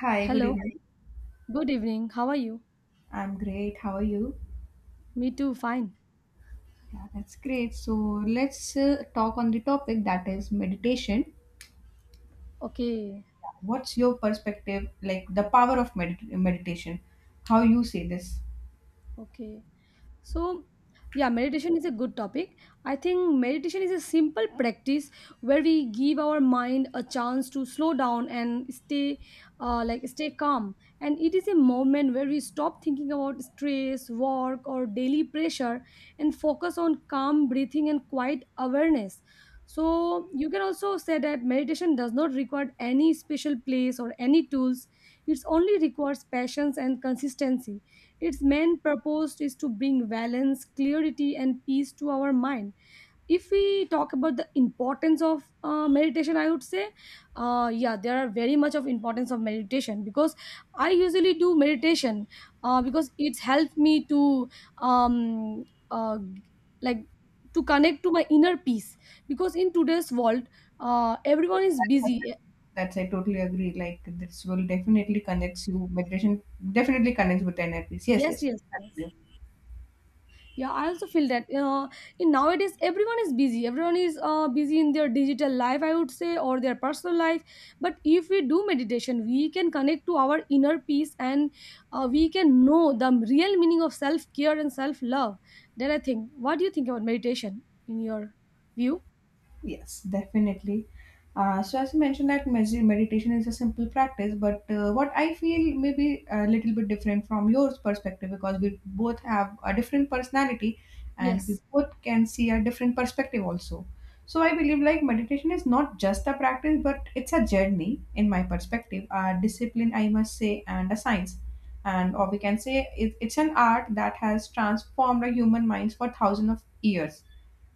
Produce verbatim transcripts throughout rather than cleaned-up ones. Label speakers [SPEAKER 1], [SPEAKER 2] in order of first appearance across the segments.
[SPEAKER 1] Hi, good
[SPEAKER 2] Hello,
[SPEAKER 1] evening.
[SPEAKER 2] good evening. How are you?
[SPEAKER 1] I'm great. How are you?
[SPEAKER 2] Me too, fine.
[SPEAKER 1] Yeah, that's great. So let's uh, talk on the topic that is meditation.
[SPEAKER 2] Okay,
[SPEAKER 1] What's your perspective, like the power of medit- meditation? How you see this?
[SPEAKER 2] okay. So, yeah, meditation is a good topic. I think meditation is a simple practice where we give our mind a chance to slow down and stay, uh, like stay calm. And it is a moment where we stop thinking about stress, work, or daily pressure, and focus on calm breathing and quiet awareness. So you can also say that meditation does not require any special place or any tools. It only requires patience and consistency. Its main purpose is to bring balance, clarity, and peace to our mind. If we talk about the importance of uh, meditation, I would say, uh, yeah, there are very much of importance of meditation because I usually do meditation uh, because it's helped me to um, uh, like to connect to my inner peace, because in today's world, uh, everyone is busy.
[SPEAKER 1] That's I totally agree. Like this will definitely connects you. Meditation definitely connects with N L Ps. Yes,
[SPEAKER 2] Yes,
[SPEAKER 1] yes.
[SPEAKER 2] yes, yes. Yeah, I also feel that uh, in nowadays everyone is busy. Everyone is uh, busy in their digital life, I would say, or their personal life. But if we do meditation, we can connect to our inner peace, and uh, we can know the real meaning of self care and self love. Then I think, what do you think about meditation in your view?
[SPEAKER 1] Yes, definitely. Uh, so, as you mentioned, that mes- meditation is a simple practice, but uh, what I feel may be a little bit different from yours perspective because we both have a different personality and we
[SPEAKER 2] Yes,
[SPEAKER 1] both can see a different perspective also. So, I believe like meditation is not just a practice, but it's a journey, in my perspective, a discipline, I must say, and a science. And, or we can say it, it's an art that has transformed the human minds for thousands of years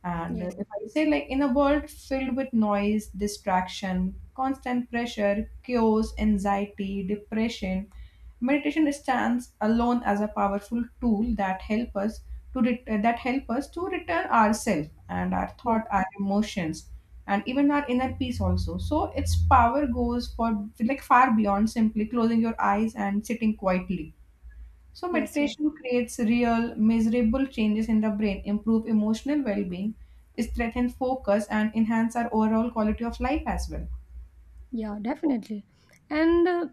[SPEAKER 1] and uh,
[SPEAKER 2] yes,
[SPEAKER 1] if I say, like, in a world filled with noise, distraction, constant pressure, chaos, anxiety, depression, meditation stands alone as a powerful tool that help us to ret- uh, that help us to return ourselves and our
[SPEAKER 2] yes,
[SPEAKER 1] thought, our emotions, and even our inner peace also. So its power goes for like far beyond simply closing your eyes and sitting quietly. So
[SPEAKER 2] yes, yes.
[SPEAKER 1] meditation creates real measurable changes in the brain, improve emotional well-being, strengthen focus and enhance our overall quality of life as well.
[SPEAKER 2] Yeah, definitely. And uh,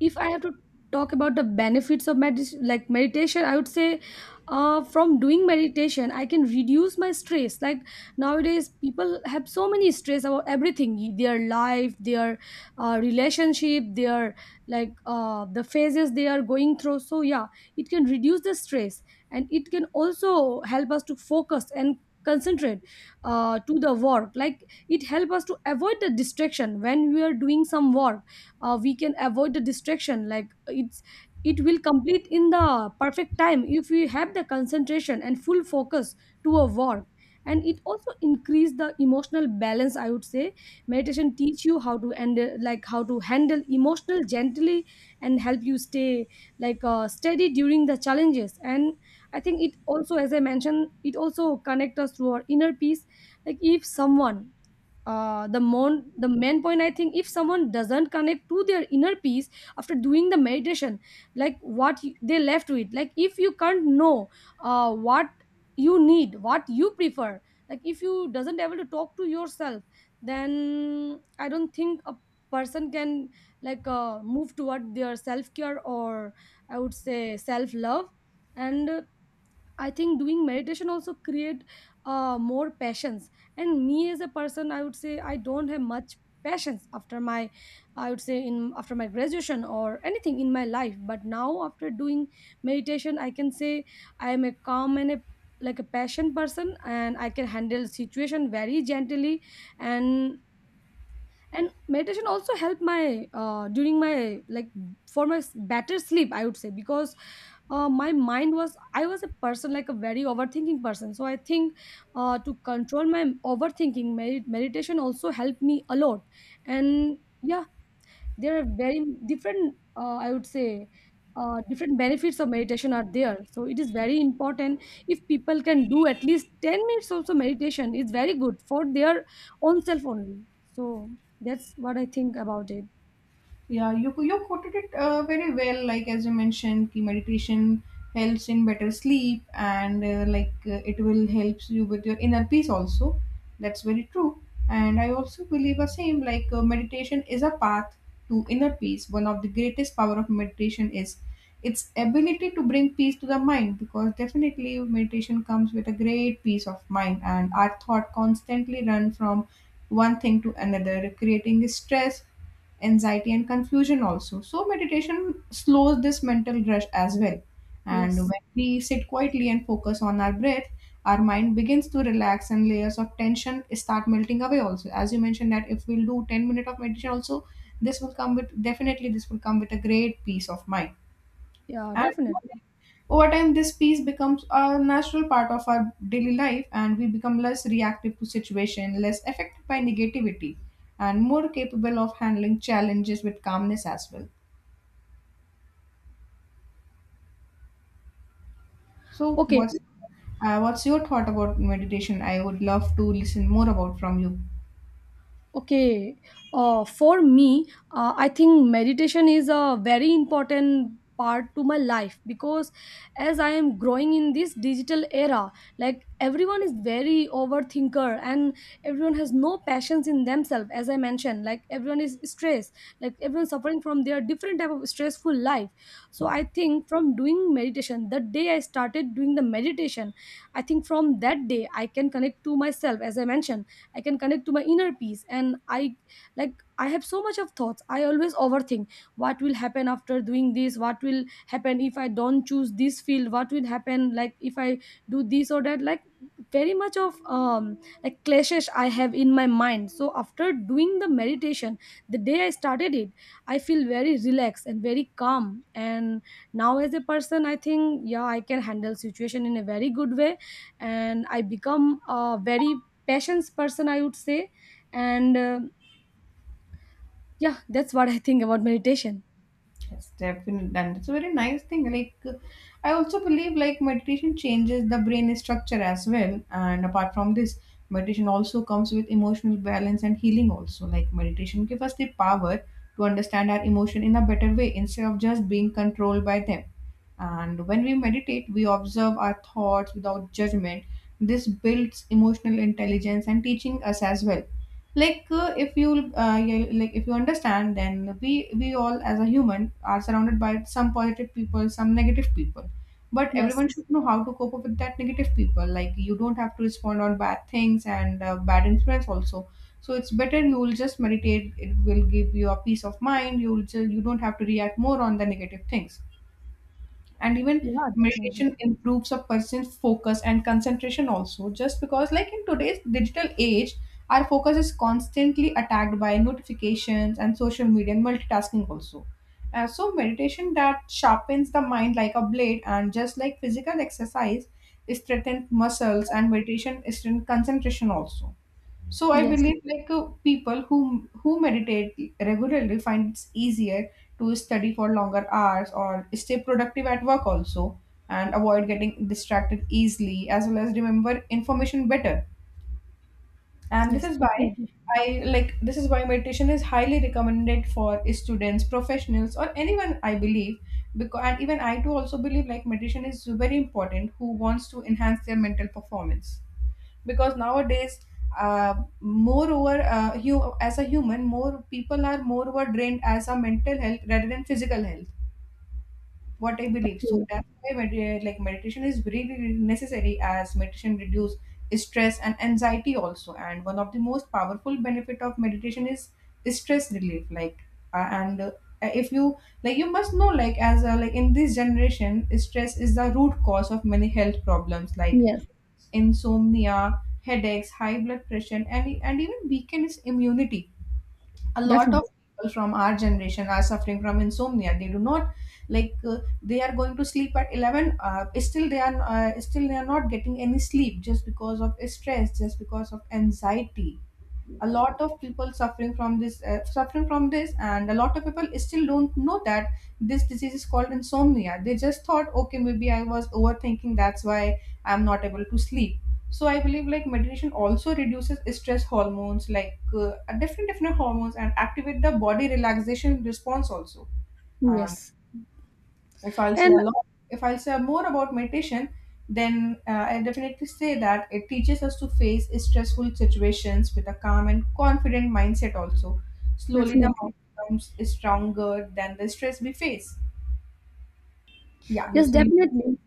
[SPEAKER 2] if I have to talk about the benefits of medit- like meditation, I would say uh, from doing meditation I can reduce my stress. Like nowadays people have so many stress about everything, their life, their uh, relationship, their like uh, the phases they are going through. So yeah, it can reduce the stress, and it can also help us to focus and concentrate uh, to the work. Like, it help us to avoid the distraction when we are doing some work. Uh, we can avoid the distraction, like it's it will complete in the perfect time if we have the concentration and full focus to a work. And it also increase the emotional balance, I would say. Meditation teach you how to end like how to handle emotional gently, and help you stay like uh, steady during the challenges. And I think it also, as I mentioned, it also connect us to our inner peace. Like if someone uh, the mon- the main point, I think, if someone doesn't connect to their inner peace after doing the meditation, like what you- they left with, like if you can't know uh, what you need, what you prefer, like if you doesn't able to talk to yourself, then I don't think a person can like uh, move toward their self care, or I would say self love. And uh, I think doing meditation also create uh, more passions. And me as a person, I would say I don't have much passions after my, I would say in after my graduation or anything in my life. But now after doing meditation, I can say I am a calm and a like a passion person, and I can handle situation very gently. And and meditation also helped my uh, during my like for my s- better sleep, I would say, because uh, my mind was, I was a person like a very overthinking person. So I think uh, to control my overthinking, med- meditation also helped me a lot. And yeah, there are very different uh, I would say uh, different benefits of meditation are there, so it is very important. If people can do at least ten minutes also meditation, it's very good for their own self only. So that's what I think about it.
[SPEAKER 1] Yeah, you you quoted it uh, very well. Like as you mentioned, ki meditation helps in better sleep, and uh, like uh, it will helps you with your inner peace also. That's very true. And I also believe the same. Like uh, meditation is a path to inner peace. One of the greatest power of meditation is its ability to bring peace to the mind, because definitely meditation comes with a great peace of mind, and our thought constantly run from one thing to another, creating stress anxiety and confusion also. So meditation slows this mental rush as well, and
[SPEAKER 2] Yes.
[SPEAKER 1] when we sit quietly and focus on our breath our mind begins to relax and layers of tension start melting away also. As you mentioned that if we'll do ten minutes of meditation also, this will come with definitely this will come with a great peace of mind.
[SPEAKER 2] Yeah,
[SPEAKER 1] And
[SPEAKER 2] definitely.
[SPEAKER 1] over time, this piece becomes a natural part of our daily life, and we become less reactive to situation, less affected by negativity, and more capable of handling challenges with calmness as well. So,
[SPEAKER 2] Okay.
[SPEAKER 1] what's uh, what's your thought about meditation? I would love to listen more about from you.
[SPEAKER 2] Okay, uh, for me, uh, I think meditation is a very important part to my life because as I am growing in this digital era, like everyone is very overthinker, and everyone has no passions in themselves. As I mentioned, like everyone is stressed, like everyone suffering from their different type of stressful life. So I think from doing meditation, the day I started doing the meditation, I think from that day I can connect to myself. As I mentioned, I can connect to my inner peace, and i like i have so much of thoughts, I always overthink what will happen after doing this, what will happen if I don't choose this field, what will happen, like if I do this or that, like very much of um like clashes I have in my mind. So after doing the meditation, the day I started it, I feel very relaxed and very calm, and now as a person I think yeah I can handle situation in a very good way, and I become a very passions person, I would say. And uh, yeah, that's what I think about meditation.
[SPEAKER 1] Yes, definitely. And it's a very nice thing. Like, uh, I also believe like meditation changes the brain structure as well. And apart from this, meditation also comes with emotional balance and healing also. Like meditation gives us the power to understand our emotion in a better way instead of just being controlled by them. And when we meditate, we observe our thoughts without judgment. This builds emotional intelligence and teaching us as well. Like uh, if you uh, you- like if you understand, then we we all as a human are surrounded by some positive people some negative people, but
[SPEAKER 2] Yes.
[SPEAKER 1] everyone should know how to cope up with that negative people. Like you don't have to respond on bad things and uh, bad influence also. So it's better you will just meditate. It will give you a peace of mind. You will ju- you don't have to react more on the negative things. And even
[SPEAKER 2] Yeah, definitely.
[SPEAKER 1] meditation improves a person's focus and concentration also, just because like in today's digital age our focus is constantly attacked by notifications and social media and multitasking also. Uh, so meditation that sharpens the mind like a blade, and just like physical exercise it strengthens muscles, and meditation strengthens concentration also. So I
[SPEAKER 2] Yes,
[SPEAKER 1] believe like uh, people who who meditate regularly find it's easier to study for longer hours or stay productive at work also, and avoid getting distracted easily as well as remember information better. And this
[SPEAKER 2] yes,
[SPEAKER 1] is why
[SPEAKER 2] definitely.
[SPEAKER 1] I like this is why meditation is highly recommended for students, professionals, or anyone I believe, because and even I too also believe like meditation is very important who wants to enhance their mental performance because nowadays uh, moreover uh, you as a human more people are moreover drained as a mental health rather than physical health what I believe. So
[SPEAKER 2] Okay.
[SPEAKER 1] that's why med- uh, like meditation is really really necessary, as meditation reduce stress and anxiety also. And one of the most powerful benefit of meditation is stress relief. Like uh, and uh, if you like you must know like as a, like in this generation stress is the root cause of many health problems like
[SPEAKER 2] Yes,
[SPEAKER 1] insomnia, headaches, high blood pressure, and, e- and even weakened immunity. A lot
[SPEAKER 2] definitely.
[SPEAKER 1] of people from our generation are suffering from insomnia. They do not like uh, they are going to sleep at eleven uh, still they are uh, still they are not getting any sleep just because of stress just because of anxiety. A lot of people suffering from this uh, suffering from this, and a lot of people still don't know that this disease is called insomnia. They just thought okay maybe I was overthinking that's why I'm not able to sleep. So I believe like meditation also reduces stress hormones like uh, different different hormones, and activate the body relaxation response also.
[SPEAKER 2] Yes.
[SPEAKER 1] If I'll say
[SPEAKER 2] And
[SPEAKER 1] a lot, if I'll say more about meditation, then uh, I definitely say that it teaches us to face stressful situations with a calm and confident mindset. Also, slowly the
[SPEAKER 2] definitely.
[SPEAKER 1] mind becomes stronger than the stress we face. Yeah,
[SPEAKER 2] Yes,
[SPEAKER 1] so you
[SPEAKER 2] definitely.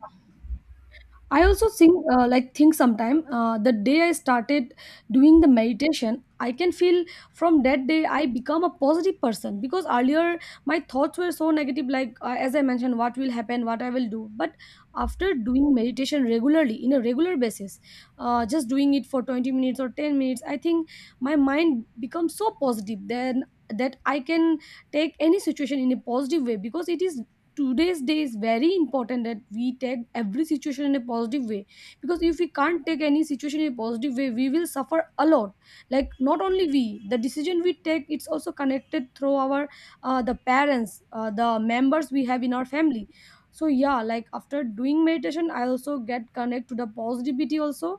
[SPEAKER 2] I also think uh, like think sometime uh, the day I started doing the meditation, I can feel from that day I become a positive person, because earlier my thoughts were so negative, like uh, as I mentioned, what will happen, what I will do. But after doing meditation regularly in a regular basis, uh, just doing it for twenty minutes or ten minutes, I think my mind becomes so positive. Then that I can take any situation in a positive way, because it is today's day is very important that we take every situation in a positive way, because if we can't take any situation in a positive way we will suffer a lot, like not only we, the decision we take, it's also connected through our uh, the parents, uh, the members we have in our family. So yeah, like after doing meditation I also get connect to the positivity also,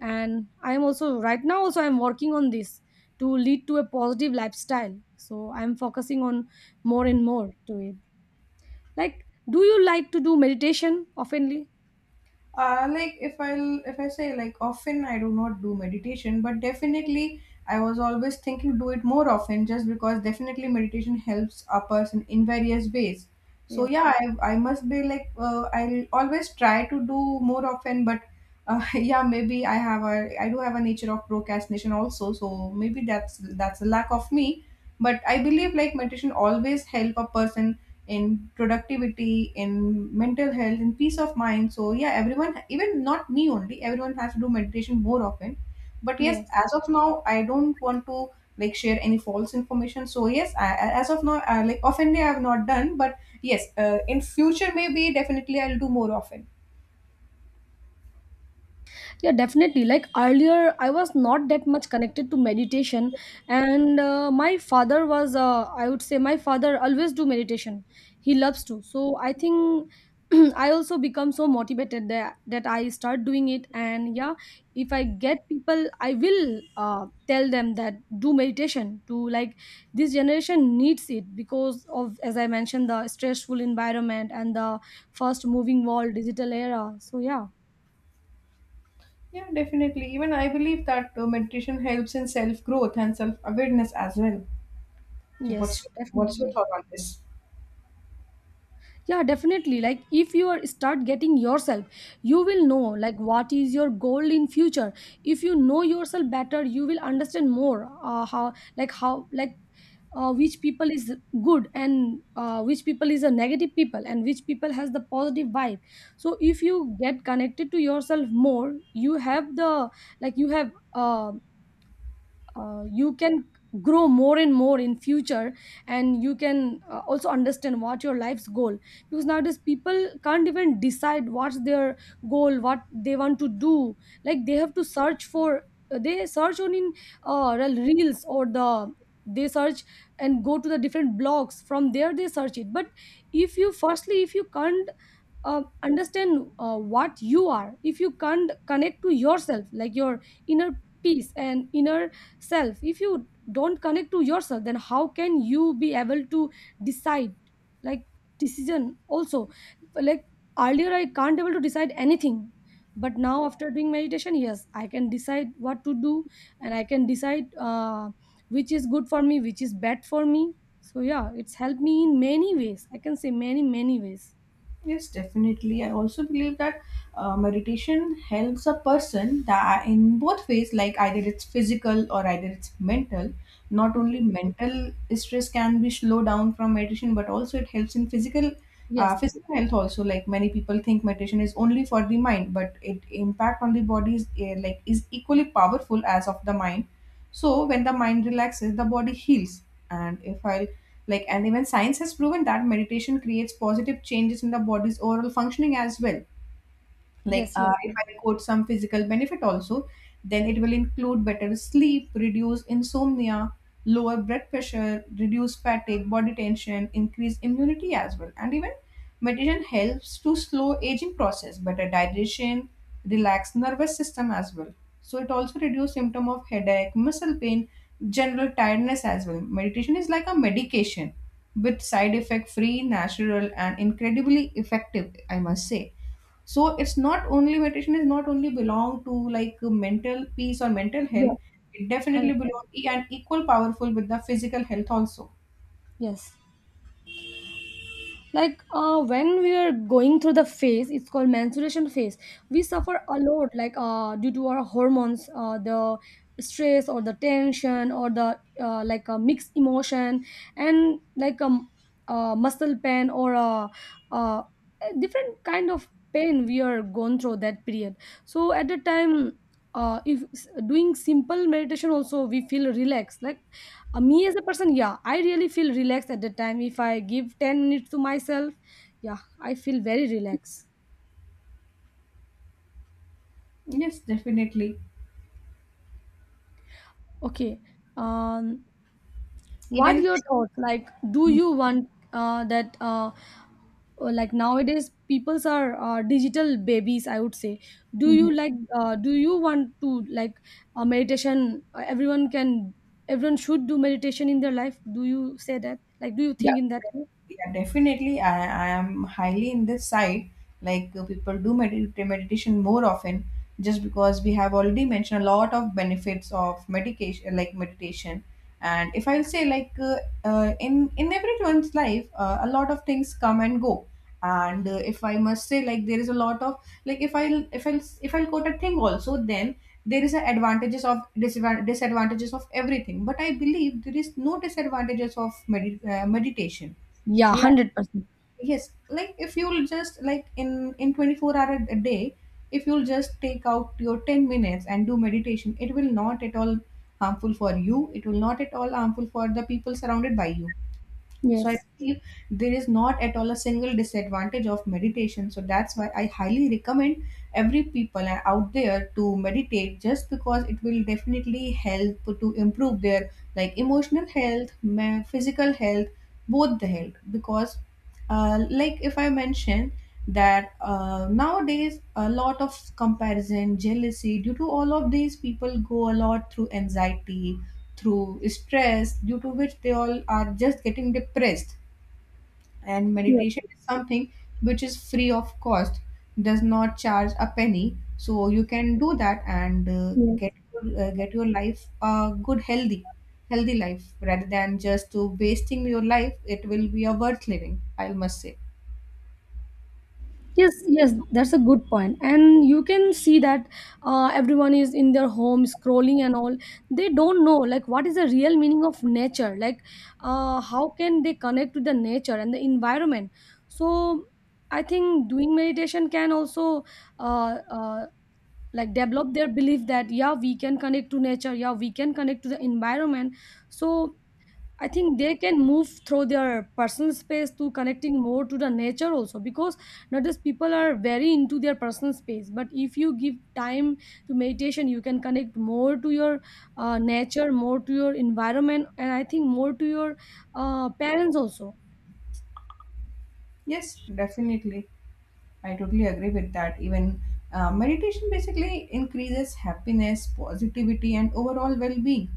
[SPEAKER 2] and I am also right now also I'm working on this to lead to a positive lifestyle, so I'm focusing on more and more to it. Like, do you like to do meditation oftenly?
[SPEAKER 1] uh, like if I'll, if I say like often I do not do meditation but definitely I was always thinking do it more often just because definitely meditation helps a person in various ways.
[SPEAKER 2] Yeah.
[SPEAKER 1] So yeah i, I must be like uh, I'll always try to do more often but uh, yeah maybe i have a I do have a nature of procrastination also, so maybe that's that's a lack of me. But I believe like meditation always help a person in productivity, in mental health, in peace of mind. So yeah, everyone, even not me only, everyone has to do meditation more often. But yes,
[SPEAKER 2] Yes.
[SPEAKER 1] as of now, I don't want to like share any false information. So yes, I, I- as of now, I, like oftenly I have not done, but yes, uh, in future maybe definitely I'll do more often.
[SPEAKER 2] Yeah, definitely. Like earlier, I was not that much connected to meditation, and uh, my father was. Uh, I would say my father always do meditation. He loves to. So I think I also become so motivated that that I start doing it. And yeah, if I get people, I will uh, tell them that do meditation. To like, this generation needs it because of, as I mentioned, the stressful environment and the fast moving world digital era. So yeah.
[SPEAKER 1] Yeah, definitely. Even I believe that uh, meditation helps in self growth and self awareness as well. So
[SPEAKER 2] Yes,
[SPEAKER 1] what's what's your
[SPEAKER 2] definitely.
[SPEAKER 1] thought on this?
[SPEAKER 2] Yeah, definitely. Like if you are start getting yourself, you will know like what is your goal in future. If you know yourself better, you will understand more uh, how like how like uh, which people is good and uh, which people is a negative people and which people has the positive vibe. So if you get connected to yourself more, you have the like you have um uh, you can grow more and more in future, and you can uh, also understand what your life's goal. Because nowadays people can't even decide what's their goal, what they want to do, like they have to search for uh, they search on in uh, reels, or the they search and go to the different blogs, from there they search it. But if you firstly, if you can't uh, understand uh, what you are, if you can't connect to yourself, like your inner peace and inner self, if you don't connect to yourself, then how can you be able to decide, like decision also like earlier I can't able to decide anything, but now after doing meditation, yes, I can decide what to do, and I can decide uh, which is good for me, which is bad for me. So yeah, it's helped me in many ways, I can say many many ways.
[SPEAKER 1] Yes, definitely. I also believe that uh, meditation helps a person that in both ways, like either it's physical or either it's mental. Not
[SPEAKER 2] Okay.
[SPEAKER 1] only mental stress can be slowed down from meditation, but also it helps in physical
[SPEAKER 2] Yes,
[SPEAKER 1] uh, physical health also. Like many people think meditation is only for the mind, but it impact on the body is eh, like is equally powerful as of the mind. So when the mind relaxes, the body heals. And if I like, And even science has proven that meditation creates positive changes in the body's overall functioning as well. Like
[SPEAKER 2] yes,
[SPEAKER 1] uh,
[SPEAKER 2] yes,
[SPEAKER 1] if
[SPEAKER 2] yes,
[SPEAKER 1] I quote some physical benefit also, then it will include better sleep, reduce insomnia, lower blood pressure, reduce fatigue, body tension, increase immunity as well. And even meditation helps to slow aging process, better digestion, relax nervous system as well. So it also reduce symptom of headache, muscle pain, general tiredness as well. Meditation is like a medication with side effect free, natural and incredibly effective I must say. So it's not only, meditation is not only belong to like mental peace or mental
[SPEAKER 2] yeah.
[SPEAKER 1] health. It definitely
[SPEAKER 2] one hundred percent.
[SPEAKER 1] belong e- and equal powerful with the physical health also.
[SPEAKER 2] Yes, like uh, when we are going through the phase, it's called menstruation phase, we suffer a lot, like uh, due to our hormones, uh, the stress or the tension or the uh, like a mixed emotion and like a, um, uh, muscle pain or a, uh different kind of pain we are going through that period. So at the time uh, if s- doing simple meditation also, we feel relaxed. Like uh, me as a person, yeah, I really feel relaxed at the time. If I give ten minutes to myself, yeah, I feel very relaxed.
[SPEAKER 1] Yes, definitely.
[SPEAKER 2] Okay. Um, what
[SPEAKER 1] Even
[SPEAKER 2] your thoughts? Like, do you want uh, that, uh, or like nowadays, peoples are uh, digital babies, I would say. Do
[SPEAKER 1] Mhm.
[SPEAKER 2] you like, uh, do you want to like uh, meditation? Uh, Everyone can, everyone should do meditation in their life. Do you say that? Like, do you
[SPEAKER 1] Yeah,
[SPEAKER 2] think in that way?
[SPEAKER 1] yeah, definitely. I, I am highly in this side. Like uh, people do med- meditation more often, just because we have already mentioned a lot of benefits of medication, like meditation. And if I'll say like uh, uh, in in everyone's life, uh, a lot of things come and go. And uh, if I must say, like there is a lot of, like if I'll if I'll if I'll quote a thing also, then there is a advantages of disadvan- disadvantages of everything, but I believe there is no disadvantages of medi- uh, meditation.
[SPEAKER 2] Yeah,
[SPEAKER 1] Like,
[SPEAKER 2] one hundred percent.
[SPEAKER 1] yes, like if you'll just like in in twenty-four hour a a day, if you'll just take out your ten minutes and do meditation, it will not at all harmful for you, it will not at all harmful for the people surrounded by you. So I
[SPEAKER 2] Yes.
[SPEAKER 1] believe there is not at all a single disadvantage of meditation. So that's why I highly recommend every people out there to meditate just because it will definitely help to improve their like emotional health, ma- physical health, both the health. Because, uh, like if I mention that uh, nowadays a lot of comparison, jealousy, due to all of these, people go a lot through anxiety, through stress, due to which they all are just getting depressed, and
[SPEAKER 2] Yes.
[SPEAKER 1] meditation is something which is free of cost, does not charge a penny, so you can do that and uh,
[SPEAKER 2] Yes.
[SPEAKER 1] get your- uh, get your life a good healthy healthy life rather than just to wasting your life. It will be a worth living, I must say.
[SPEAKER 2] Yes, yes, that's a good point. And you can see that uh, everyone is in their home scrolling and all. They don't know like what is the real meaning of nature. Like uh, how can they connect to the nature and the environment? So I think doing meditation can also uh, uh, like develop their belief that yeah, we can connect to nature, yeah, we can connect to the environment. So I think they can move through their personal space to connecting more to the nature also, because not just people are very into their personal space, but if you give time to meditation you can connect more to your uh, nature, more to your environment, and I think more to your uh, parents also.
[SPEAKER 1] Yes, definitely, I totally agree with that. Even uh, meditation basically increases happiness, positivity, and overall well-being.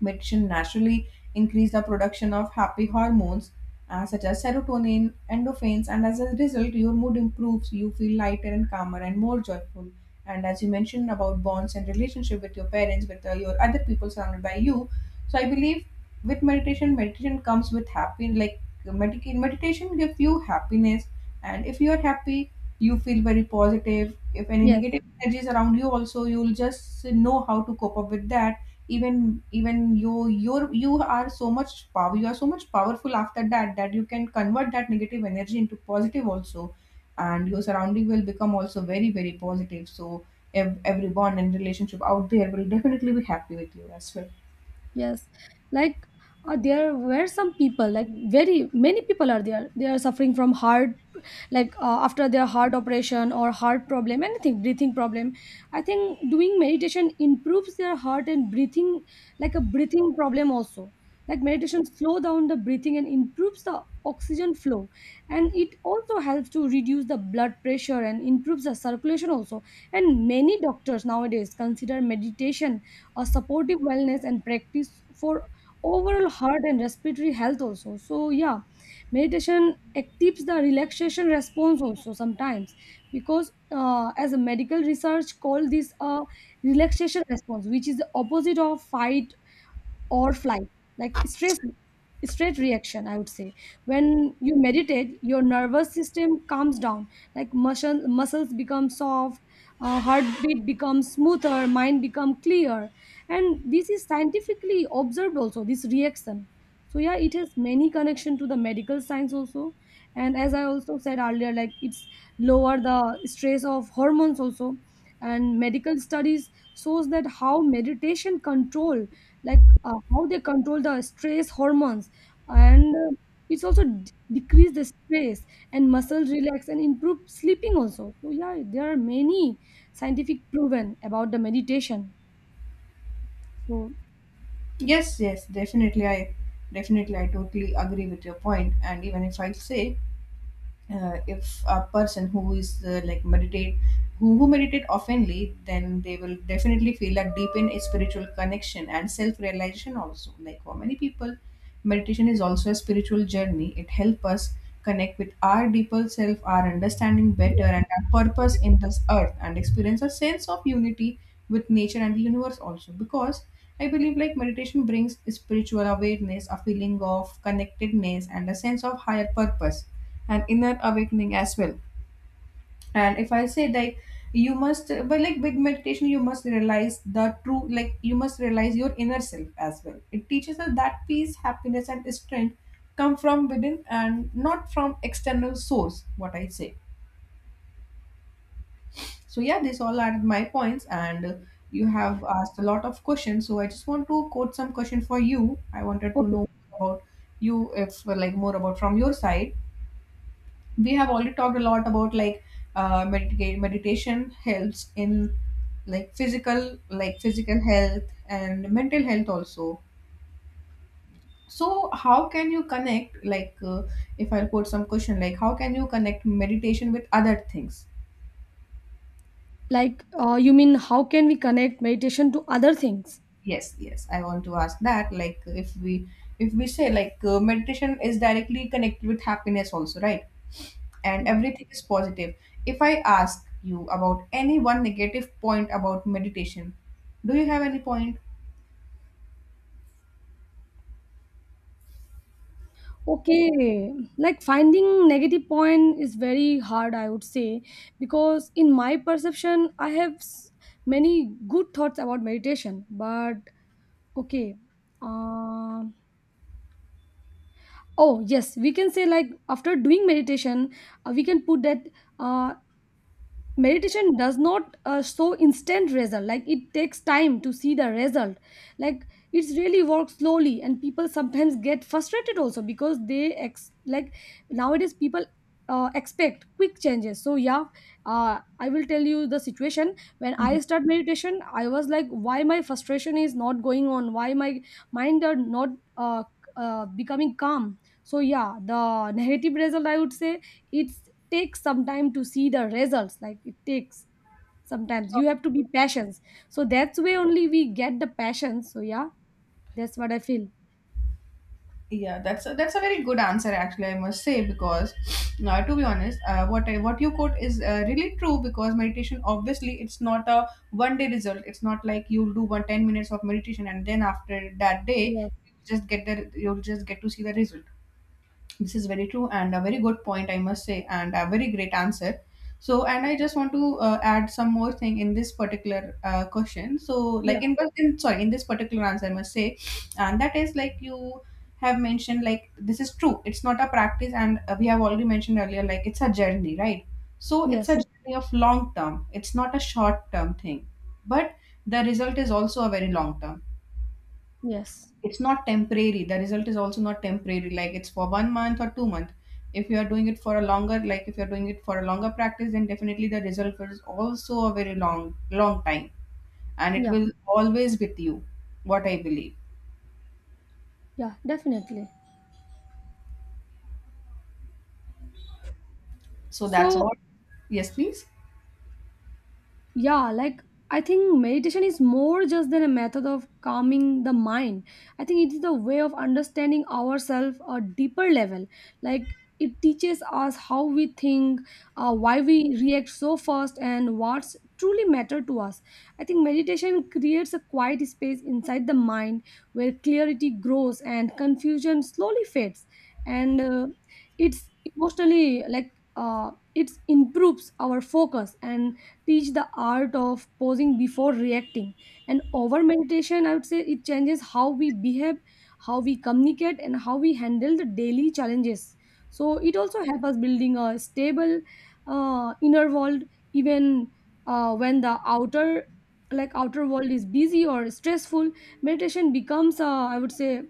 [SPEAKER 1] Medicine naturally increase the production of happy hormones, uh, such as serotonin, endorphins, and as a result, your mood improves. You feel lighter and calmer and more joyful. And as you mentioned about bonds and relationship with your parents, with uh, your other people surrounded by you, so I believe with meditation, meditation comes with happy like medica- meditation gives you happiness, and if you are happy, you feel very positive. If any
[SPEAKER 2] Yes,
[SPEAKER 1] negative energies around you, also you'll just know how to cope up with that. Even even you you're you are so much power, you are so much powerful after that, that you can convert that negative energy into positive also, and your surrounding will become also very, very positive. So ev- everyone and relationship out there will definitely be happy with you as well.
[SPEAKER 2] yes, like uh, there were some people, like very many people are there. They are suffering from heart, like uh, after their heart operation or heart problem, anything, breathing problem. I think doing meditation improves their heart and breathing, like a breathing problem also. Like meditation slow down the breathing and improves the oxygen flow, and it also helps to reduce the blood pressure and improves the circulation also. And many doctors nowadays consider meditation a supportive wellness and practice for overall heart and respiratory health also. So yeah, meditation activates the relaxation response also sometimes, because uh, as a medical research call this a relaxation response, which is the opposite of fight or flight, like stress straight reaction, I would say. When you meditate your nervous system calms down, like muscle, muscles become soft, uh, heartbeat becomes smoother, mind become clear, and this is scientifically observed also, this reaction. So yeah, it has many connection to the medical science also. And as I also said earlier, like it's lower the stress of hormones also. And medical studies shows that how meditation control, like uh, how they control the stress hormones, and uh, it's also d- decrease the stress and muscle relax and improve sleeping also. So yeah, there are many scientific proven about the meditation. So
[SPEAKER 1] Yes, yes, definitely i definitely i totally agree with your point. And even if I say, uh, if a person who is uh, like meditate, who, who meditate oftenly, then they will definitely feel a deep in spiritual connection and self-realization also. Like for many people, meditation is also a spiritual journey. It helps us connect with our deeper self, our understanding better, and our purpose in this earth, and experience a sense of unity with nature and the universe also. Because I believe like meditation brings spiritual awareness, a feeling of connectedness, and a sense of higher purpose and inner awakening as well. And if I say like you must, but like with meditation, you must realize the true, like you must realize your inner self as well. It teaches us that peace, happiness, and strength come from within and not from external source, what I say. So yeah, these all are my points. And uh, you have asked a lot of questions, so I just want to quote some question for you. I wanted to
[SPEAKER 2] okay,
[SPEAKER 1] know about you, if uh, like more about from your side. We have already talked a lot about like uh, medita- meditation helps in like physical like physical health and mental health also. So how can you connect like uh, if I'll put some question, like how can you connect meditation with other things?
[SPEAKER 2] like uh, you mean how can we connect meditation to other things?
[SPEAKER 1] Yes, yes, I want to ask that. Like if we if we say like uh, meditation is directly connected with happiness also, right, and
[SPEAKER 2] Yeah.
[SPEAKER 1] everything is positive. If I ask you about any one negative point about meditation, do you have any point?
[SPEAKER 2] Okay, like finding negative point is very hard, I would say, because in my perception, I have s- many good thoughts about meditation. But okay, um, oh yes, we can say like after doing meditation, uh, we can put that. Uh, meditation does not uh, show instant result, like it takes time to see the result. Like it's really works slowly and people sometimes get frustrated also because they ex- like nowadays people uh, expect quick changes. So yeah, uh, I will tell you the situation when I
[SPEAKER 1] Mhm.
[SPEAKER 2] start meditation I was like why my frustration is not going on, why my mind are not uh, uh, becoming calm. So yeah, the negative result I would say. It's takes some time to see the results, like it takes, sometimes you have to be patient, so that's way only we get the passion. So yeah, that's what I feel.
[SPEAKER 1] Yeah, that's a, that's a very good answer actually, I must say, because uh, to be honest, uh, what I, what you quote is uh, really true, because meditation obviously it's not a one day result. It's not like you'll do one ten minutes of meditation, and then after that day
[SPEAKER 2] Yes,
[SPEAKER 1] you just get the you'll just get to see the result. This is very true and a very good point, I must say, and a very great answer. So, and I just want to uh, add some more thing in this particular uh, question. So,
[SPEAKER 2] yeah,
[SPEAKER 1] like in, but in sorry, in this particular answer, I must say, and that is like you have mentioned, like this is true. It's not a practice, and uh, we have already mentioned earlier, like it's a journey, right? So, it's a
[SPEAKER 2] yes,
[SPEAKER 1] journey of long term. It's not a short term thing, but the result is also a very long term.
[SPEAKER 2] yes,
[SPEAKER 1] It's not temporary, the result is also not temporary. Like it's for one month or two month. If you are doing it for a longer like if you are doing it for a longer practice, then definitely the result is also a very long long time, and it
[SPEAKER 2] yeah,
[SPEAKER 1] will always with you, what I believe.
[SPEAKER 2] yeah, definitely.
[SPEAKER 1] So that's
[SPEAKER 2] So
[SPEAKER 1] what. Yes, please.
[SPEAKER 2] yeah, like I think meditation is more just than a method of calming the mind. I think it is the way of understanding ourselves a deeper level. Like it teaches us how we think, uh, why we react so fast and what's truly matter to us. I think meditation creates a quiet space inside the mind where clarity grows and confusion slowly fades. And uh, it's emotionally, like uh, it improves our focus and teach the art of posing before reacting. And over meditation, I would say, it changes how we behave, how we communicate, and how we handle the daily challenges. So it also helps us building a stable uh, inner world, even uh, when the outer, like outer world is busy or stressful. Meditation becomes uh, I would say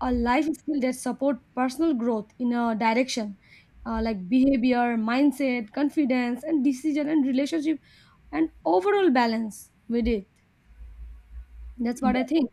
[SPEAKER 2] a life skill that support personal growth in a direction, uh, like behavior, mindset, confidence and decision and relationship and overall balance with it. That's what I think.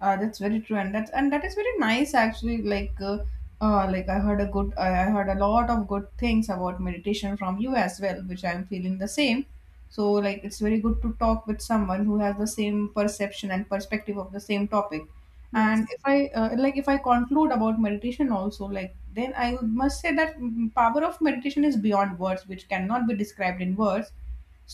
[SPEAKER 1] Uh, that's very true, and that's and that is very nice actually. Like, uh, uh, like I heard a good, I I heard a lot of good things about meditation from you as well, which I'm feeling the same. So, like, it's very good to talk with someone who has the same perception and perspective of the same topic. And
[SPEAKER 2] Yes,
[SPEAKER 1] if I uh, like, if I conclude about meditation also, like, then I would- must say that mm, power of meditation is beyond words, which cannot be described in words.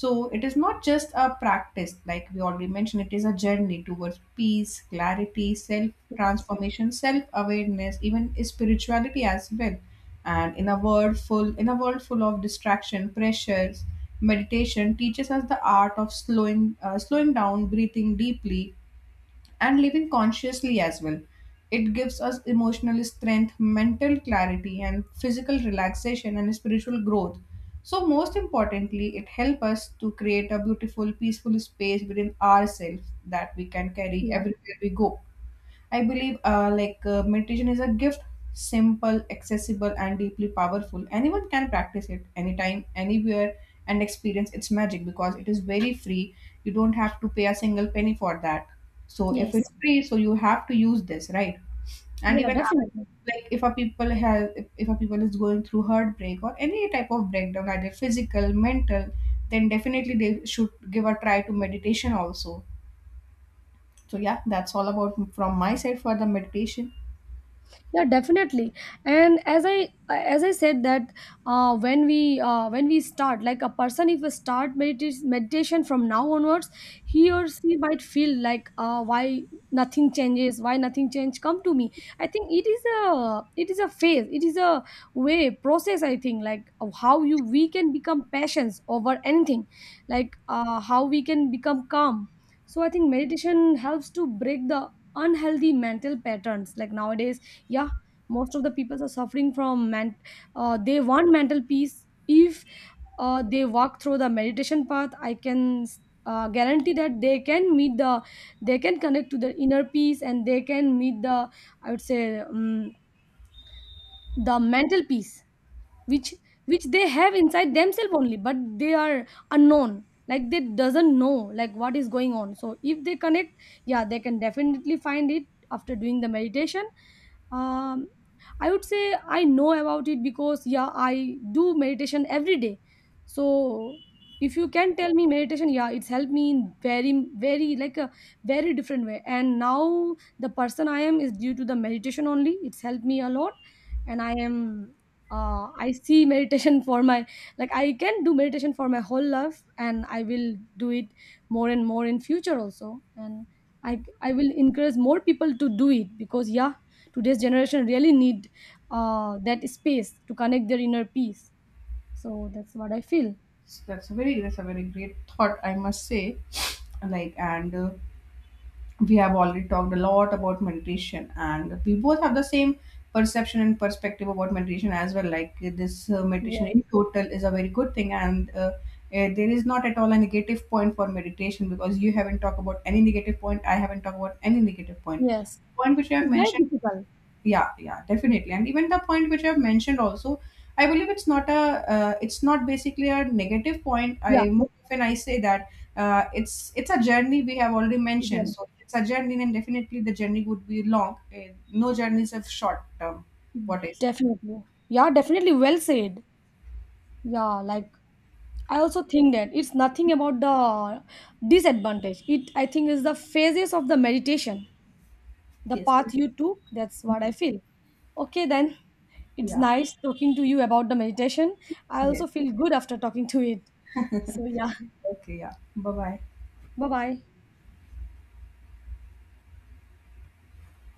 [SPEAKER 1] So it is not just a practice, like we already mentioned, it is a journey towards peace, clarity, self transformation, self awareness, even spirituality as well. And in a world full in a world full of distraction, pressures, meditation teaches us the art of slowing uh, slowing down, breathing deeply, and living consciously as well. It gives us emotional strength, mental clarity, and physical relaxation and spiritual growth. So, most importantly, it helps us to create a beautiful, peaceful space within ourselves that we can carry
[SPEAKER 2] yeah,
[SPEAKER 1] everywhere we go. I believe uh, like uh, meditation is a gift, simple, accessible, and deeply powerful. Anyone can practice it anytime, anywhere, and experience its magic, because it is very free. You don't have to pay a single penny for that. So if
[SPEAKER 2] yes,
[SPEAKER 1] it's free, so you have to use this, right? And
[SPEAKER 2] yeah,
[SPEAKER 1] even uh,
[SPEAKER 2] definitely.
[SPEAKER 1] like if a people has if if a people is going through heartbreak or any type of breakdown, either physical, mental, then definitely they should give a try to meditation also. So yeah, that's all about from my side for the meditation.
[SPEAKER 2] Yeah, definitely. And as i as i said that uh, when we uh, when we start, like a person, if we start medita- meditation from now onwards, he or she might feel like uh, why nothing changes, why nothing change come to me. I think it is a, it is a phase, it is a way process, I think, like of how you we can become passions over anything, like uh, how we can become calm. So I think meditation helps to break the unhealthy mental patterns, like nowadays, yeah, most of the people are suffering from man, uh, they want mental peace. If uh, they walk through the meditation path, I can uh, guarantee that they can meet the, they can connect to the inner peace and they can meet the, I would say, um, the mental peace which which they have inside themselves only, but they are unknown, like they doesn't know like what is going on. So if they connect, yeah, they can definitely find it after doing the meditation. um I would say I know about it because yeah, I do meditation every day. So if you can tell me meditation, yeah, it's helped me in very very like a very different way. And now the person I am is due to the meditation only. It's helped me a lot. And I am uh, I see meditation for my, like I can do meditation for my whole life, and I will do it more and more in future also. And I I will encourage more people to do it, because yeah, today's generation really need uh, that space to connect their inner peace. So that's what I feel.
[SPEAKER 1] So that's a very that's a very great thought, I must say. Like, and uh, we have already talked a lot about meditation, and we both have the same perception and perspective about meditation as well. Like uh, this uh, meditation
[SPEAKER 2] Yes,
[SPEAKER 1] in total is a very good thing, and uh, uh, there is not at all a negative point for meditation, because you haven't talked about any negative point. I haven't talked about any negative point.
[SPEAKER 2] yes,
[SPEAKER 1] Point which you have
[SPEAKER 2] it's very
[SPEAKER 1] mentioned.
[SPEAKER 2] difficult.
[SPEAKER 1] Yeah, yeah, definitely. And even the point which I've mentioned also, I believe it's not a uh, it's not basically a negative point.
[SPEAKER 2] Yeah,
[SPEAKER 1] I more often I say that, uh, it's it's a journey, we have already mentioned.
[SPEAKER 2] even-
[SPEAKER 1] So it's a journey, and definitely the journey would be long. Uh, no journey is a short term, what is it.
[SPEAKER 2] definitely. Yeah, definitely. Well said. Yeah, like I also think that it's nothing about the disadvantage. It I think is the phases of the meditation, the
[SPEAKER 1] Yes.
[SPEAKER 2] path you took. That's what I feel. Okay, then it's
[SPEAKER 1] Yeah,
[SPEAKER 2] nice talking to you about the meditation. I
[SPEAKER 1] yes,
[SPEAKER 2] also feel good after talking to it. So yeah,
[SPEAKER 1] okay, yeah, bye bye.
[SPEAKER 2] bye bye.